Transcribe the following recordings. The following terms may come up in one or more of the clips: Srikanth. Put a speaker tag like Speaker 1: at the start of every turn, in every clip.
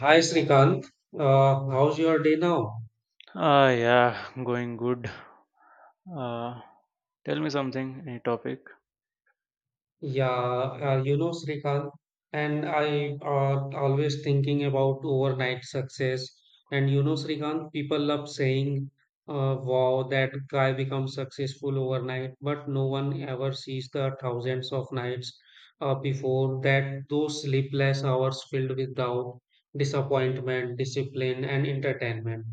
Speaker 1: Hi Srikanth, how's your day now?
Speaker 2: Ah, yeah, going good. Uh, Tell me something, any topic?
Speaker 1: Yeah, you know Srikanth, and I always thinking about overnight success. And you know Srikanth, people love saying, "Wow, that guy becomes successful overnight," but no one ever sees the thousands of nights before that. Those sleepless hours filled with doubt, disappointment, discipline, and entertainment.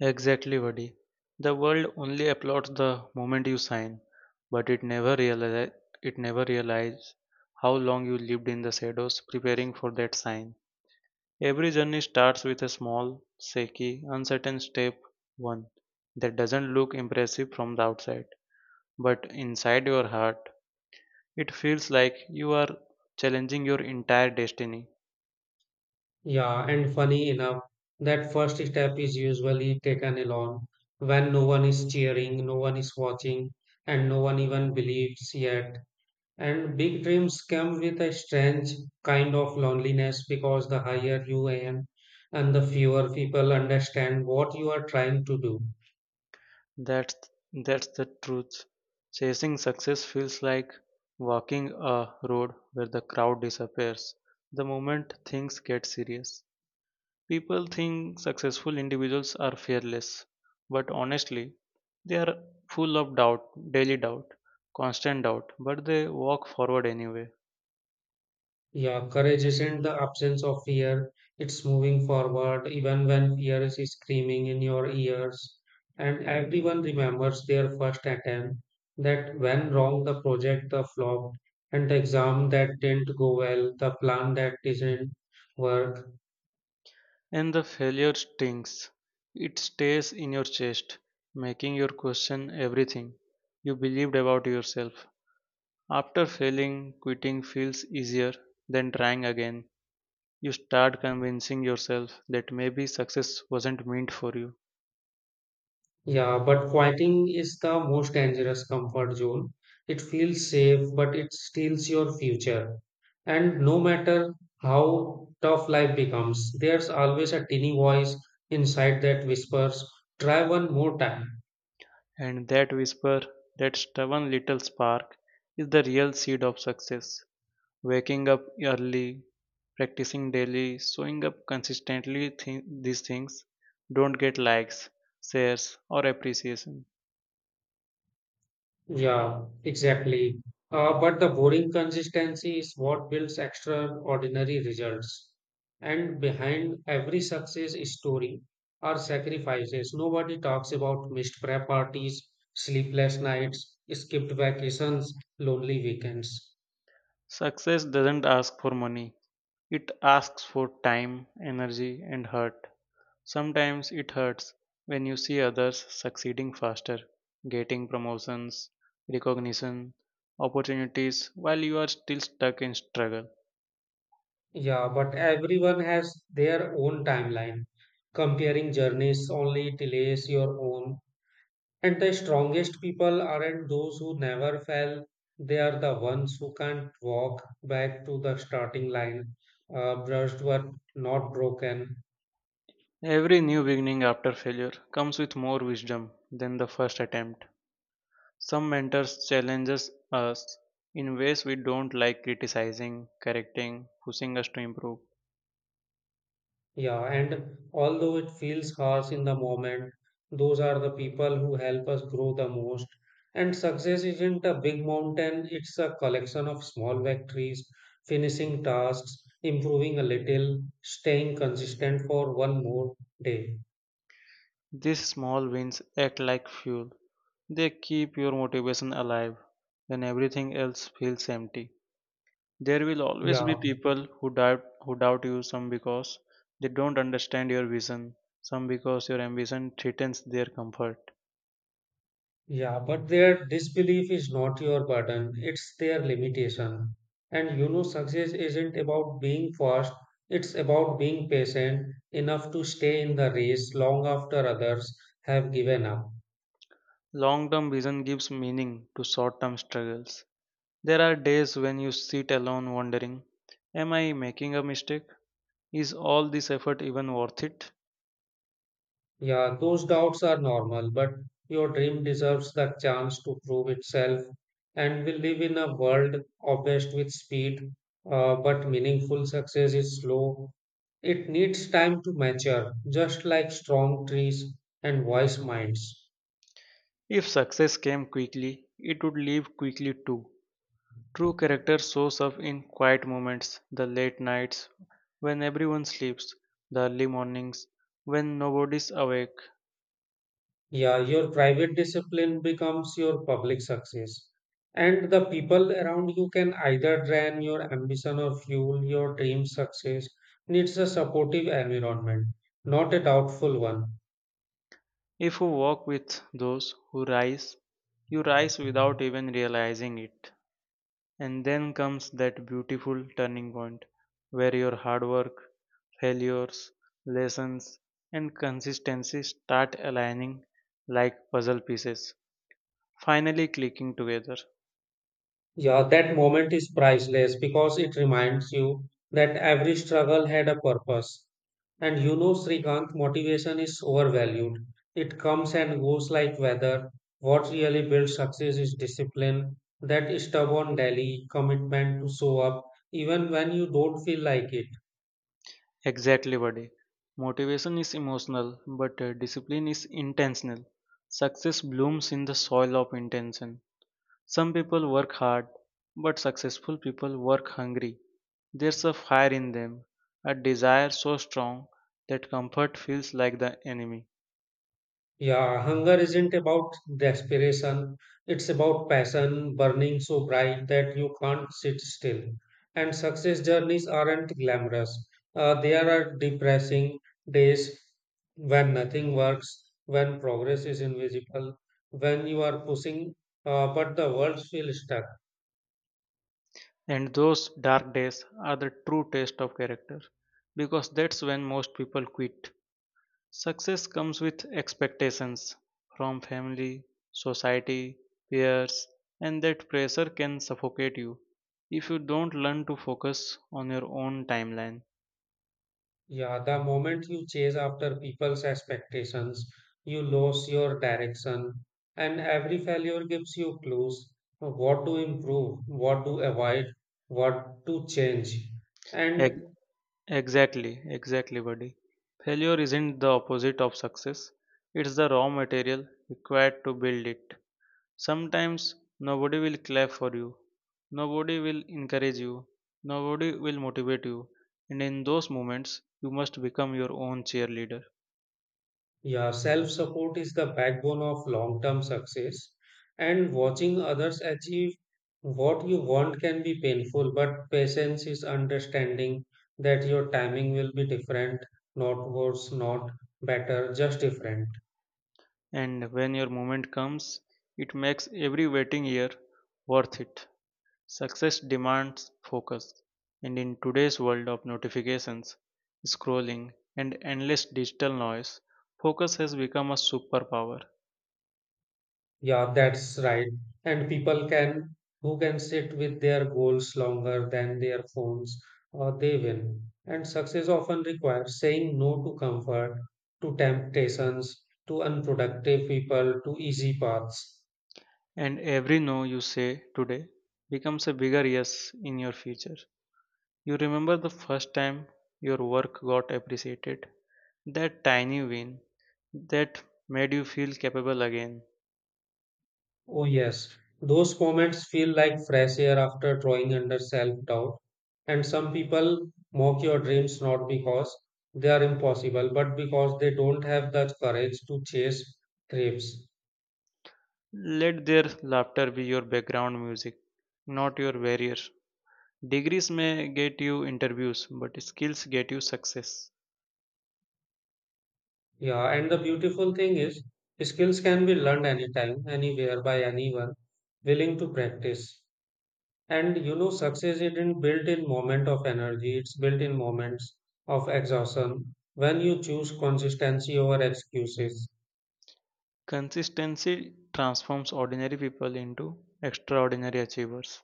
Speaker 2: Exactly, buddy. The world only applauds the moment you sign, but it never realize how long you lived in the shadows preparing for that sign. Every journey starts with a small, shaky, uncertain step one that doesn't look impressive from the outside, but inside your heart, it feels like you are challenging your entire destiny.
Speaker 1: Yeah, and funny enough, that first step is usually taken alone when no one is cheering, no one is watching, and no one even believes yet. And big dreams come with a strange kind of loneliness because the higher you aim and the fewer people understand what you are trying to do.
Speaker 2: That's that's the truth. Chasing success feels like walking a road where the crowd disappears. The moment things get serious, people think successful individuals are fearless, but honestly, they are full of doubt, daily doubt, constant doubt, but they walk forward anyway.
Speaker 1: Yeah, courage isn't the absence of fear, it's moving forward even when fear is screaming in your ears. And everyone remembers their first attempt that when wrong, the project that flopped, and the exam that didn't go well, the plan that didn't work.
Speaker 2: And the failure stings. It stays in your chest, making you question everything you believed about yourself. After failing, quitting feels easier than trying again. You start convincing yourself that maybe success wasn't meant for you.
Speaker 1: Yeah, but quieting is the most dangerous comfort zone. It feels safe, but it steals your future. And no matter how tough life becomes, there's always a tiny voice inside that whispers, try one more time.
Speaker 2: And that whisper, that stubborn little spark, is the real seed of success. Waking up early, practicing daily, showing up consistently, these things don't get likes, shares, or appreciation.
Speaker 1: Yeah, exactly. But the boring consistency is what builds extraordinary results. And behind every success story are sacrifices. Nobody talks about missed prep parties, sleepless nights, skipped vacations, lonely weekends.
Speaker 2: Success doesn't ask for money, it asks for time, energy, and heart. Sometimes it hurts when you see others succeeding faster, getting promotions, recognition, opportunities, while you are still stuck in struggle.
Speaker 1: Yeah, but everyone has their own timeline. Comparing journeys only delays your own. And the strongest people aren't those who never fell, they are the ones who can't walk back to the starting line, brushed but not broken.
Speaker 2: Every new beginning after failure comes with more wisdom than the first attempt. Some mentors challenges us in ways we don't like criticizing, correcting, pushing us to improve.
Speaker 1: Yeah, and although it feels harsh in the moment, those are the people who help us grow the most. And success isn't a big mountain, it's a collection of small victories, finishing tasks, improving a little, staying consistent for one more day.
Speaker 2: These small wins act like fuel. They keep your motivation alive when everything else feels empty. There will always
Speaker 1: Yeah.
Speaker 2: be people who doubt you, some because they don't understand your vision, some because your ambition threatens their comfort.
Speaker 1: Yeah, but their disbelief is not your burden, it's their limitation. And you know, success isn't about being fast; it's about being patient enough to stay in the race long after others have given up.
Speaker 2: Long-term vision gives meaning to short-term struggles. There are days when you sit alone wondering, am I making a mistake? Is all this effort even worth it?
Speaker 1: Yeah, those doubts are normal, but your dream deserves the chance to prove itself. And we live in a world obsessed with speed, but meaningful success is slow. It needs time to mature, just like strong trees and wise minds.
Speaker 2: If success came quickly, it would leave quickly too. True character shows up in quiet moments, the late nights when everyone sleeps, the early mornings when nobody's awake.
Speaker 1: Yeah, your private discipline becomes your public success. And the people around you can either drain your ambition or fuel your dream success. Needs a supportive environment, not a doubtful one.
Speaker 2: If you walk with those who rise, you rise without even realizing it. And then comes that beautiful turning point where your hard work, failures, lessons, and consistency start aligning like puzzle pieces, finally clicking together.
Speaker 1: Yeah, that moment is priceless because it reminds you that every struggle had a purpose. And you know, Srikanth, motivation is overvalued. It comes and goes like weather. What really builds success is discipline, that stubborn daily commitment to show up even when you don't feel like it.
Speaker 2: Exactly, buddy. Motivation is emotional, but discipline is intentional. Success blooms in the soil of intention. Some people work hard, but successful people work hungry. There's a fire in them, a desire so strong that comfort feels like the enemy.
Speaker 1: Yeah, hunger isn't about desperation. It's about passion burning so bright that you can't sit still. And success journeys aren't glamorous. There are depressing days when nothing works, when progress is invisible, when you are pushing, but the world feels stuck.
Speaker 2: And those dark days are the true test of character, because that's when most people quit. Success comes with expectations from family, society, peers, and that pressure can suffocate you if you don't learn to focus on your own timeline.
Speaker 1: Yeah, the moment you chase after people's expectations, you lose your direction, and every failure gives you clues of what to improve, what to avoid, what to change.
Speaker 2: Ex-
Speaker 1: And
Speaker 2: Exactly, exactly, buddy. Failure isn't the opposite of success, it's the raw material required to build it. Sometimes nobody will clap for you, nobody will encourage you, nobody will motivate you, and in those moments, you must become your own cheerleader.
Speaker 1: yeah, self-support is the backbone of long-term success. And watching others achieve what you want can be painful, but patience is understanding that your timing will be different, not worse, not better, just different.
Speaker 2: And when your moment comes, it makes every waiting year worth it. Success demands focus, and in today's world of notifications, scrolling, and endless digital noise, focus has become a superpower.
Speaker 1: Yeah, that's right. And people can who can sit with their goals longer than their phones, or they win. And success often requires saying no to comfort, to temptations, to unproductive people, to easy paths.
Speaker 2: And every no you say today becomes a bigger yes in your future. You remember the first time your work got appreciated, that tiny win that made you feel capable again.
Speaker 1: Oh yes, those moments feel like fresh air after drawing under self-doubt. And some people mock your dreams not because they are impossible, but because they don't have the courage to chase dreams.
Speaker 2: Let their laughter be your background music, not your barrier. Degrees may get you interviews, but skills get you success.
Speaker 1: Yeah, and the beautiful thing is, skills can be learned anytime, anywhere, by anyone willing to practice. And you know, success isn't built in moment of energy, it's built in moments of exhaustion when you choose consistency over excuses.
Speaker 2: Consistency transforms ordinary people into extraordinary achievers.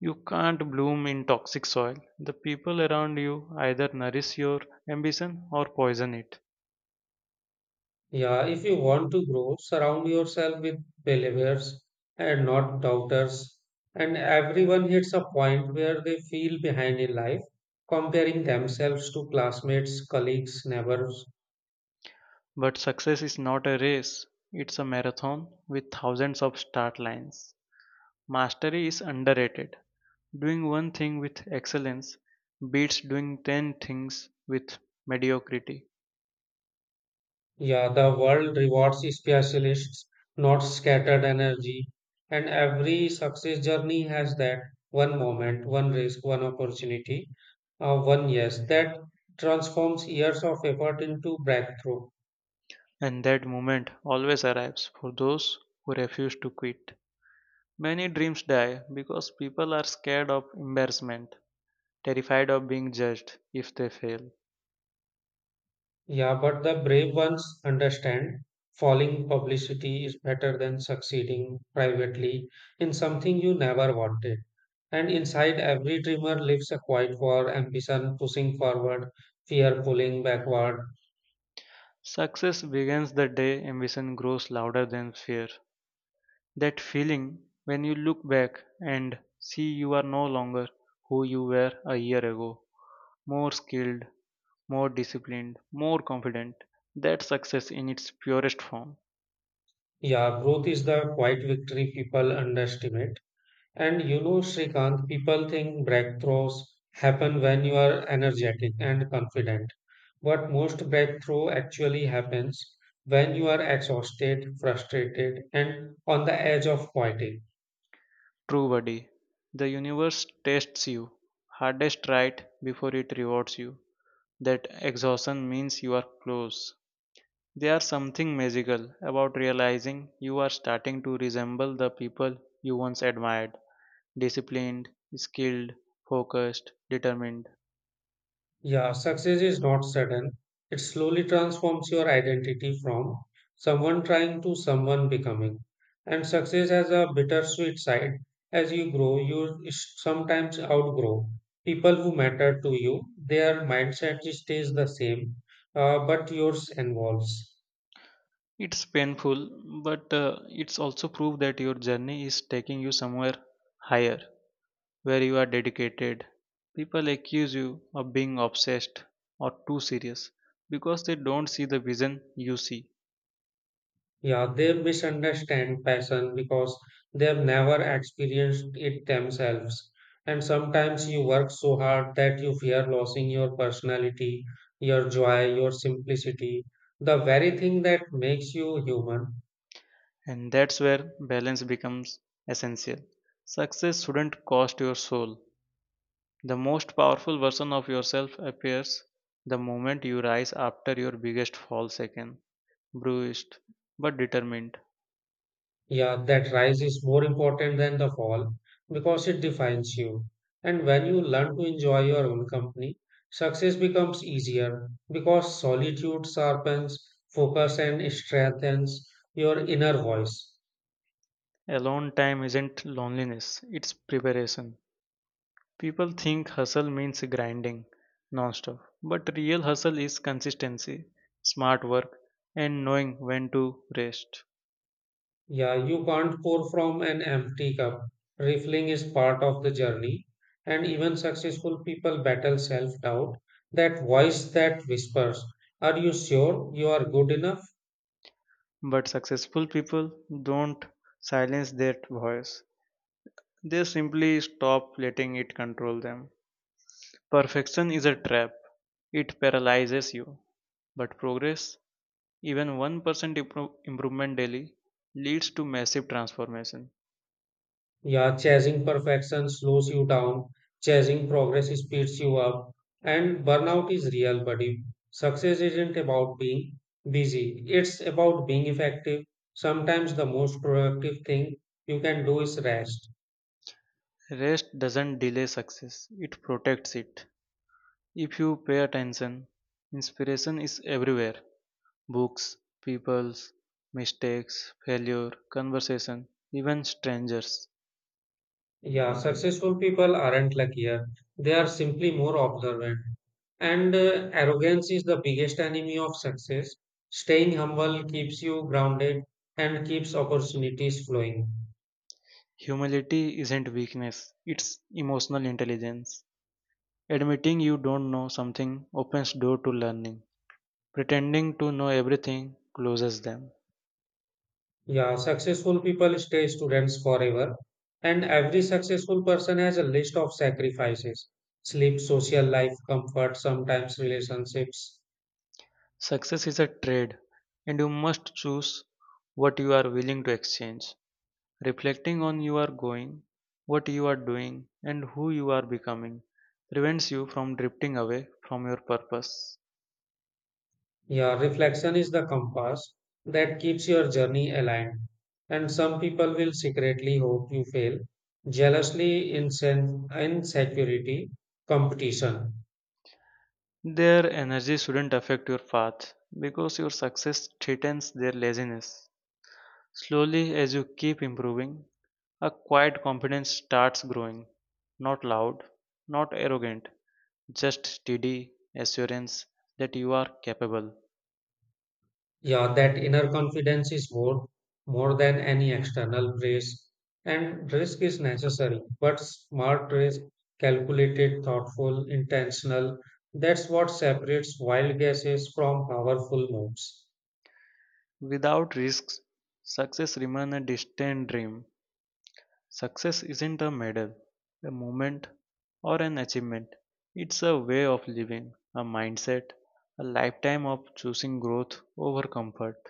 Speaker 2: You can't bloom in toxic soil. The people around you either nourish your ambition or poison it.
Speaker 1: Yeah, if you want to grow, surround yourself with believers and not doubters. And everyone hits a point where they feel behind in life, comparing themselves to classmates, colleagues, neighbors.
Speaker 2: But success is not a race, it's a marathon with thousands of start lines. Mastery is underrated. Doing one thing with excellence beats doing 10 things with mediocrity,
Speaker 1: Yeah, the world rewards specialists, not scattered energy. And every success journey has that one moment, one risk, one opportunity, one yes, that transforms years of effort into breakthrough.
Speaker 2: and that moment always arrives for those who refuse to quit. Many dreams die because people are scared of embarrassment, terrified of being judged if they fail.
Speaker 1: Yeah, but the brave ones understand falling publicity is better than succeeding privately in something you never wanted. And inside every dreamer lives a quiet war, ambition pushing forward, fear pulling backward.
Speaker 2: Success begins the day ambition grows louder than fear. That feeling when you look back and see you are no longer who you were a year ago more skilled, more disciplined, more confident. That's success in its purest form.
Speaker 1: Yeah, growth is the quiet victory people underestimate. And you know, Srikanth, people think breakthroughs happen when you are energetic and confident. But most breakthrough actually happens when you are exhausted, frustrated, and on the edge of quitting.
Speaker 2: True buddy, the universe tests you hardest right before it rewards you. That exhaustion means you are close. There is something magical about realizing you are starting to resemble the people you once admired disciplined, skilled, focused, determined.
Speaker 1: Yeah, success is not sudden. It slowly transforms your identity from someone trying to someone becoming. And success has a bittersweet side. As you grow, you sometimes outgrow people who matter to you. Their mindset stays the same, but yours evolves.
Speaker 2: It's painful, but it's also proof that your journey is taking you somewhere higher, where you are dedicated. People accuse you of being obsessed or too serious because they don't see the vision you see,
Speaker 1: Yeah, they misunderstand passion because they've never experienced it themselves. And sometimes you work so hard that you fear losing your personality, your joy, your simplicity, the very thing that makes you human.
Speaker 2: and that's where balance becomes essential. Success shouldn't cost your soul. The most powerful version of yourself appears the moment you rise after your biggest fall, second, bruised but determined.
Speaker 1: Yeah, that rise is more important than the fall because it defines you. And when you learn to enjoy your own company, success becomes easier because solitude sharpens focus and strengthens your inner voice.
Speaker 2: Alone time isn't loneliness, it's preparation. People think hustle means grinding nonstop, but real hustle is consistency, smart work, and knowing when to rest.
Speaker 1: Yeah, you can't pour from an empty cup. Refilling is part of the journey, and even successful people battle self doubt, that voice that whispers, are you sure you are good enough?
Speaker 2: But successful people don't silence that voice, they simply stop letting it control them. Perfection is a trap, it paralyzes you, but progress, even 1% improvement daily, leads to massive transformation.
Speaker 1: Yeah, chasing perfection slows you down, chasing progress speeds you up, and burnout is real, buddy. Success isn't about being busy, it's about being effective. Sometimes the most productive thing you can do is rest.
Speaker 2: Rest doesn't delay success, it protects it. If you pay attention, inspiration is everywhere books, peoples, mistakes, failure, conversation, even strangers.
Speaker 1: Yeah, successful people aren't luckier, they are simply more observant. And arrogance is the biggest enemy of success. Staying humble keeps you grounded and keeps opportunities flowing.
Speaker 2: Humility isn't weakness, it's emotional intelligence. Admitting you don't know something opens door to learning. Pretending to know everything closes them.
Speaker 1: Yeah, successful people stay students forever, and every successful person has a list of sacrifices sleep, social life, comfort, sometimes relationships.
Speaker 2: Success is a trade, and you must choose what you are willing to exchange. Reflecting on you are going, what you are doing, and who you are becoming prevents you from drifting away from your purpose.
Speaker 1: Yeah, reflection is the compass that keeps your journey aligned. And some people will secretly hope you fail, jealously, insecurity, competition.
Speaker 2: Their energy shouldn't affect your path because your success threatens their laziness. Slowly, as you keep improving, a quiet confidence starts growing, not loud, not arrogant, just steady assurance that you are capable.
Speaker 1: Yeah, that inner confidence is more than any external praise, and risk is necessary, but smart risk, calculated, thoughtful, intentional, that's what separates wild guesses from powerful moves.
Speaker 2: Without risks, success remains a distant dream. Success isn't a medal, a moment, or an achievement. It's a way of living, a mindset, a lifetime of choosing growth over comfort.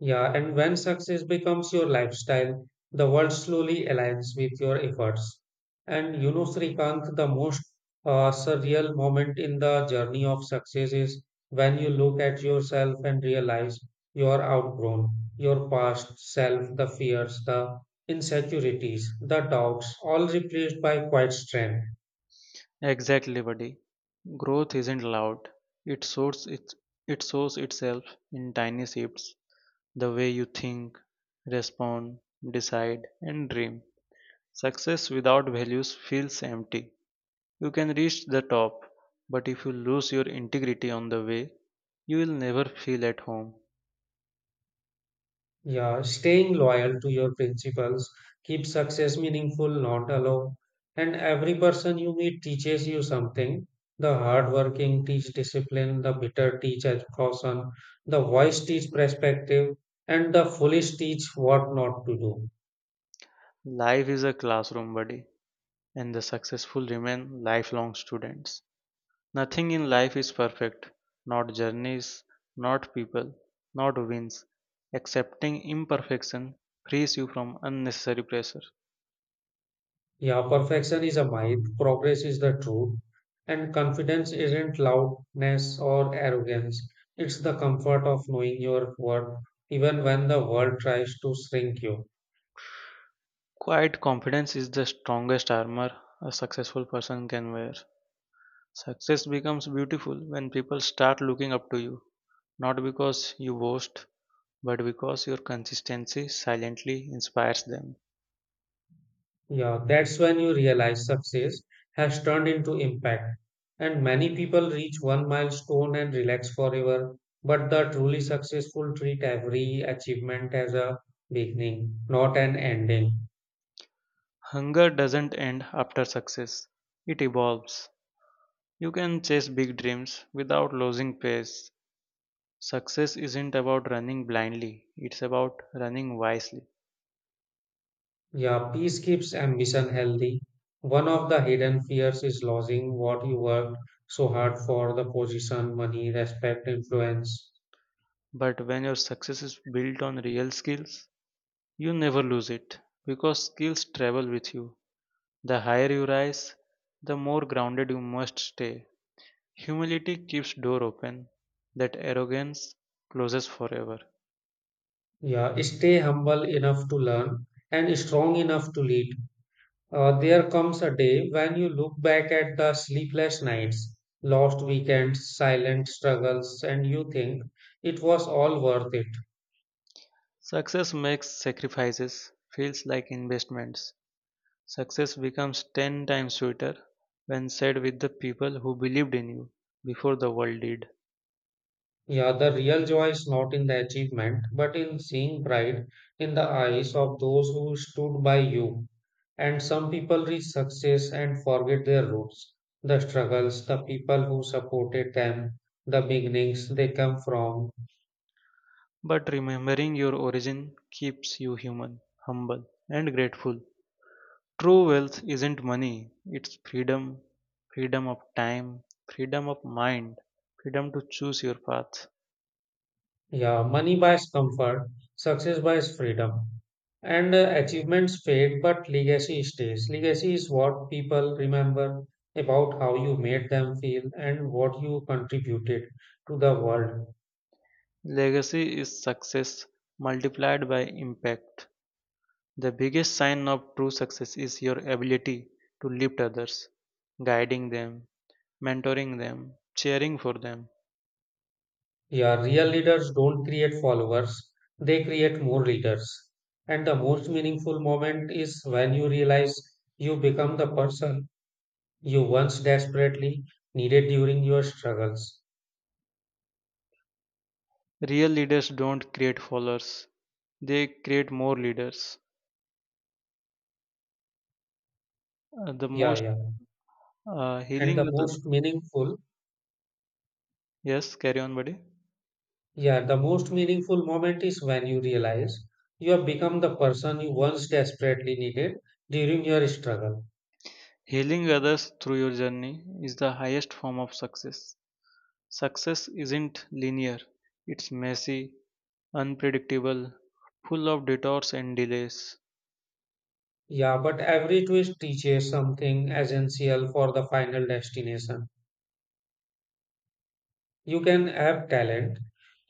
Speaker 1: Yeah, and when success becomes your lifestyle, the world slowly aligns with your efforts. And you know, Srikanth, the most surreal moment in the journey of success is when you look at yourself and realize you are outgrown your past self, the fears, the insecurities, the doubts, all replaced by quiet strength.
Speaker 2: Exactly, buddy. Growth isn't loud. It sorts its it shows itself in tiny shifts, the way you think, respond, decide, and dream. Success without values feels empty. You can reach the top, but if you lose your integrity on the way, you will never feel at home.
Speaker 1: Yeah, staying loyal to your principles keeps success meaningful, not alone. And every person you meet teaches you something. The hardworking teach discipline, the bitter teach caution, the wise teach perspective, and the foolish teach what not to do.
Speaker 2: Life is a classroom, buddy, and the successful remain lifelong students. Nothing in life is perfect, not journeys, not people, not wins. Accepting imperfection frees you from unnecessary pressure.
Speaker 1: Yeah, perfection is a myth, progress is the truth, and confidence isn't loudness or arrogance. It's the comfort of knowing your worth, even when the world tries to shrink you.
Speaker 2: Quiet confidence is the strongest armor a successful person can wear. Success becomes beautiful when people start looking up to you, not because you boast, but because your consistency silently inspires them.
Speaker 1: Yeah, that's when you realize success has turned into impact. And many people reach one milestone and relax forever, but the truly successful treat every achievement as a beginning, not an ending.
Speaker 2: Hunger doesn't end after success, it evolves. You can chase big dreams without losing pace. Success isn't about running blindly, it's about running wisely.
Speaker 1: Yeah, peace keeps ambition healthy. One of the hidden fears is losing what you worked so hard for the position, money, respect, influence.
Speaker 2: But when your success is built on real skills, you never lose it because skills travel with you. The higher you rise, the more grounded you must stay. Humility keeps door open that arrogance closes forever.
Speaker 1: Yeah, stay humble enough to learn and strong enough to lead. There comes a day when you look back at the sleepless nights, lost weekends, silent struggles, and you think it was all worth it.
Speaker 2: Success makes sacrifices feels like investments. Success becomes 10 times sweeter when said with the people who believed in you before the world did.
Speaker 1: Yeah, the real joy is not in the achievement, but in seeing pride in the eyes of those who stood by you. And some people reach success and forget their roots, the struggles, the people who supported them, the beginnings they come from.
Speaker 2: But remembering your origin keeps you human, humble, and grateful. True wealth isn't money, it's freedom, freedom of time, freedom of mind, freedom to choose your path.
Speaker 1: Yeah, money buys comfort, success buys freedom, and achievements fade, but legacy stays. Legacy is what people remember about how you made them feel and what you contributed to the world.
Speaker 2: Legacy is success multiplied by impact. The biggest sign of true success is your ability to lift others, guiding them, mentoring them, cheering for them.
Speaker 1: Yeah, real leaders don't create followers, they create more leaders. And the most meaningful moment is when you realize you become the person you once desperately needed during your struggles.
Speaker 2: Real leaders don't create followers, they create more leaders. The
Speaker 1: Yeah,
Speaker 2: most
Speaker 1: yeah. And the
Speaker 2: Healing others,
Speaker 1: most meaningful.
Speaker 2: yes, carry on, buddy.
Speaker 1: Yeah, the most meaningful moment is when you realize you have become the person you once desperately needed during your struggle.
Speaker 2: Healing others through your journey is the highest form of success. Success isn't linear, it's messy, unpredictable, full of detours and delays.
Speaker 1: Yeah, but every twist teaches something essential for the final destination. You can have talent,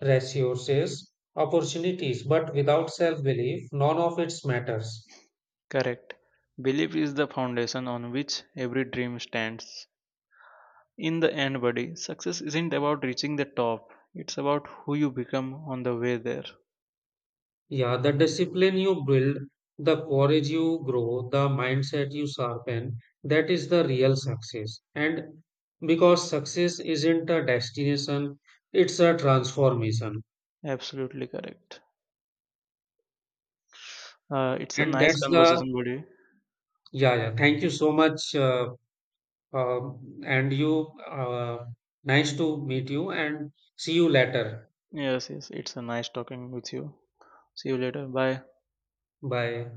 Speaker 1: resources, opportunities, but without self belief, none of it matters.
Speaker 2: Correct. Belief is the foundation on which every dream stands. In the end, buddy, success isn't about reaching the top. It's about who you become on the way there.
Speaker 1: Yeah, the discipline you build, the courage you grow, the mindset you sharpen, that is the real success. And because success isn't a destination, it's a transformation.
Speaker 2: Absolutely correct. It's a
Speaker 1: And
Speaker 2: nice
Speaker 1: that's the,
Speaker 2: conversation, buddy.
Speaker 1: yeah, yeah. Thank you so much. Uh, and you, nice to meet you and see you later.
Speaker 2: Yes, yes, it's a nice talking with you. See you later. Bye.
Speaker 1: Bye.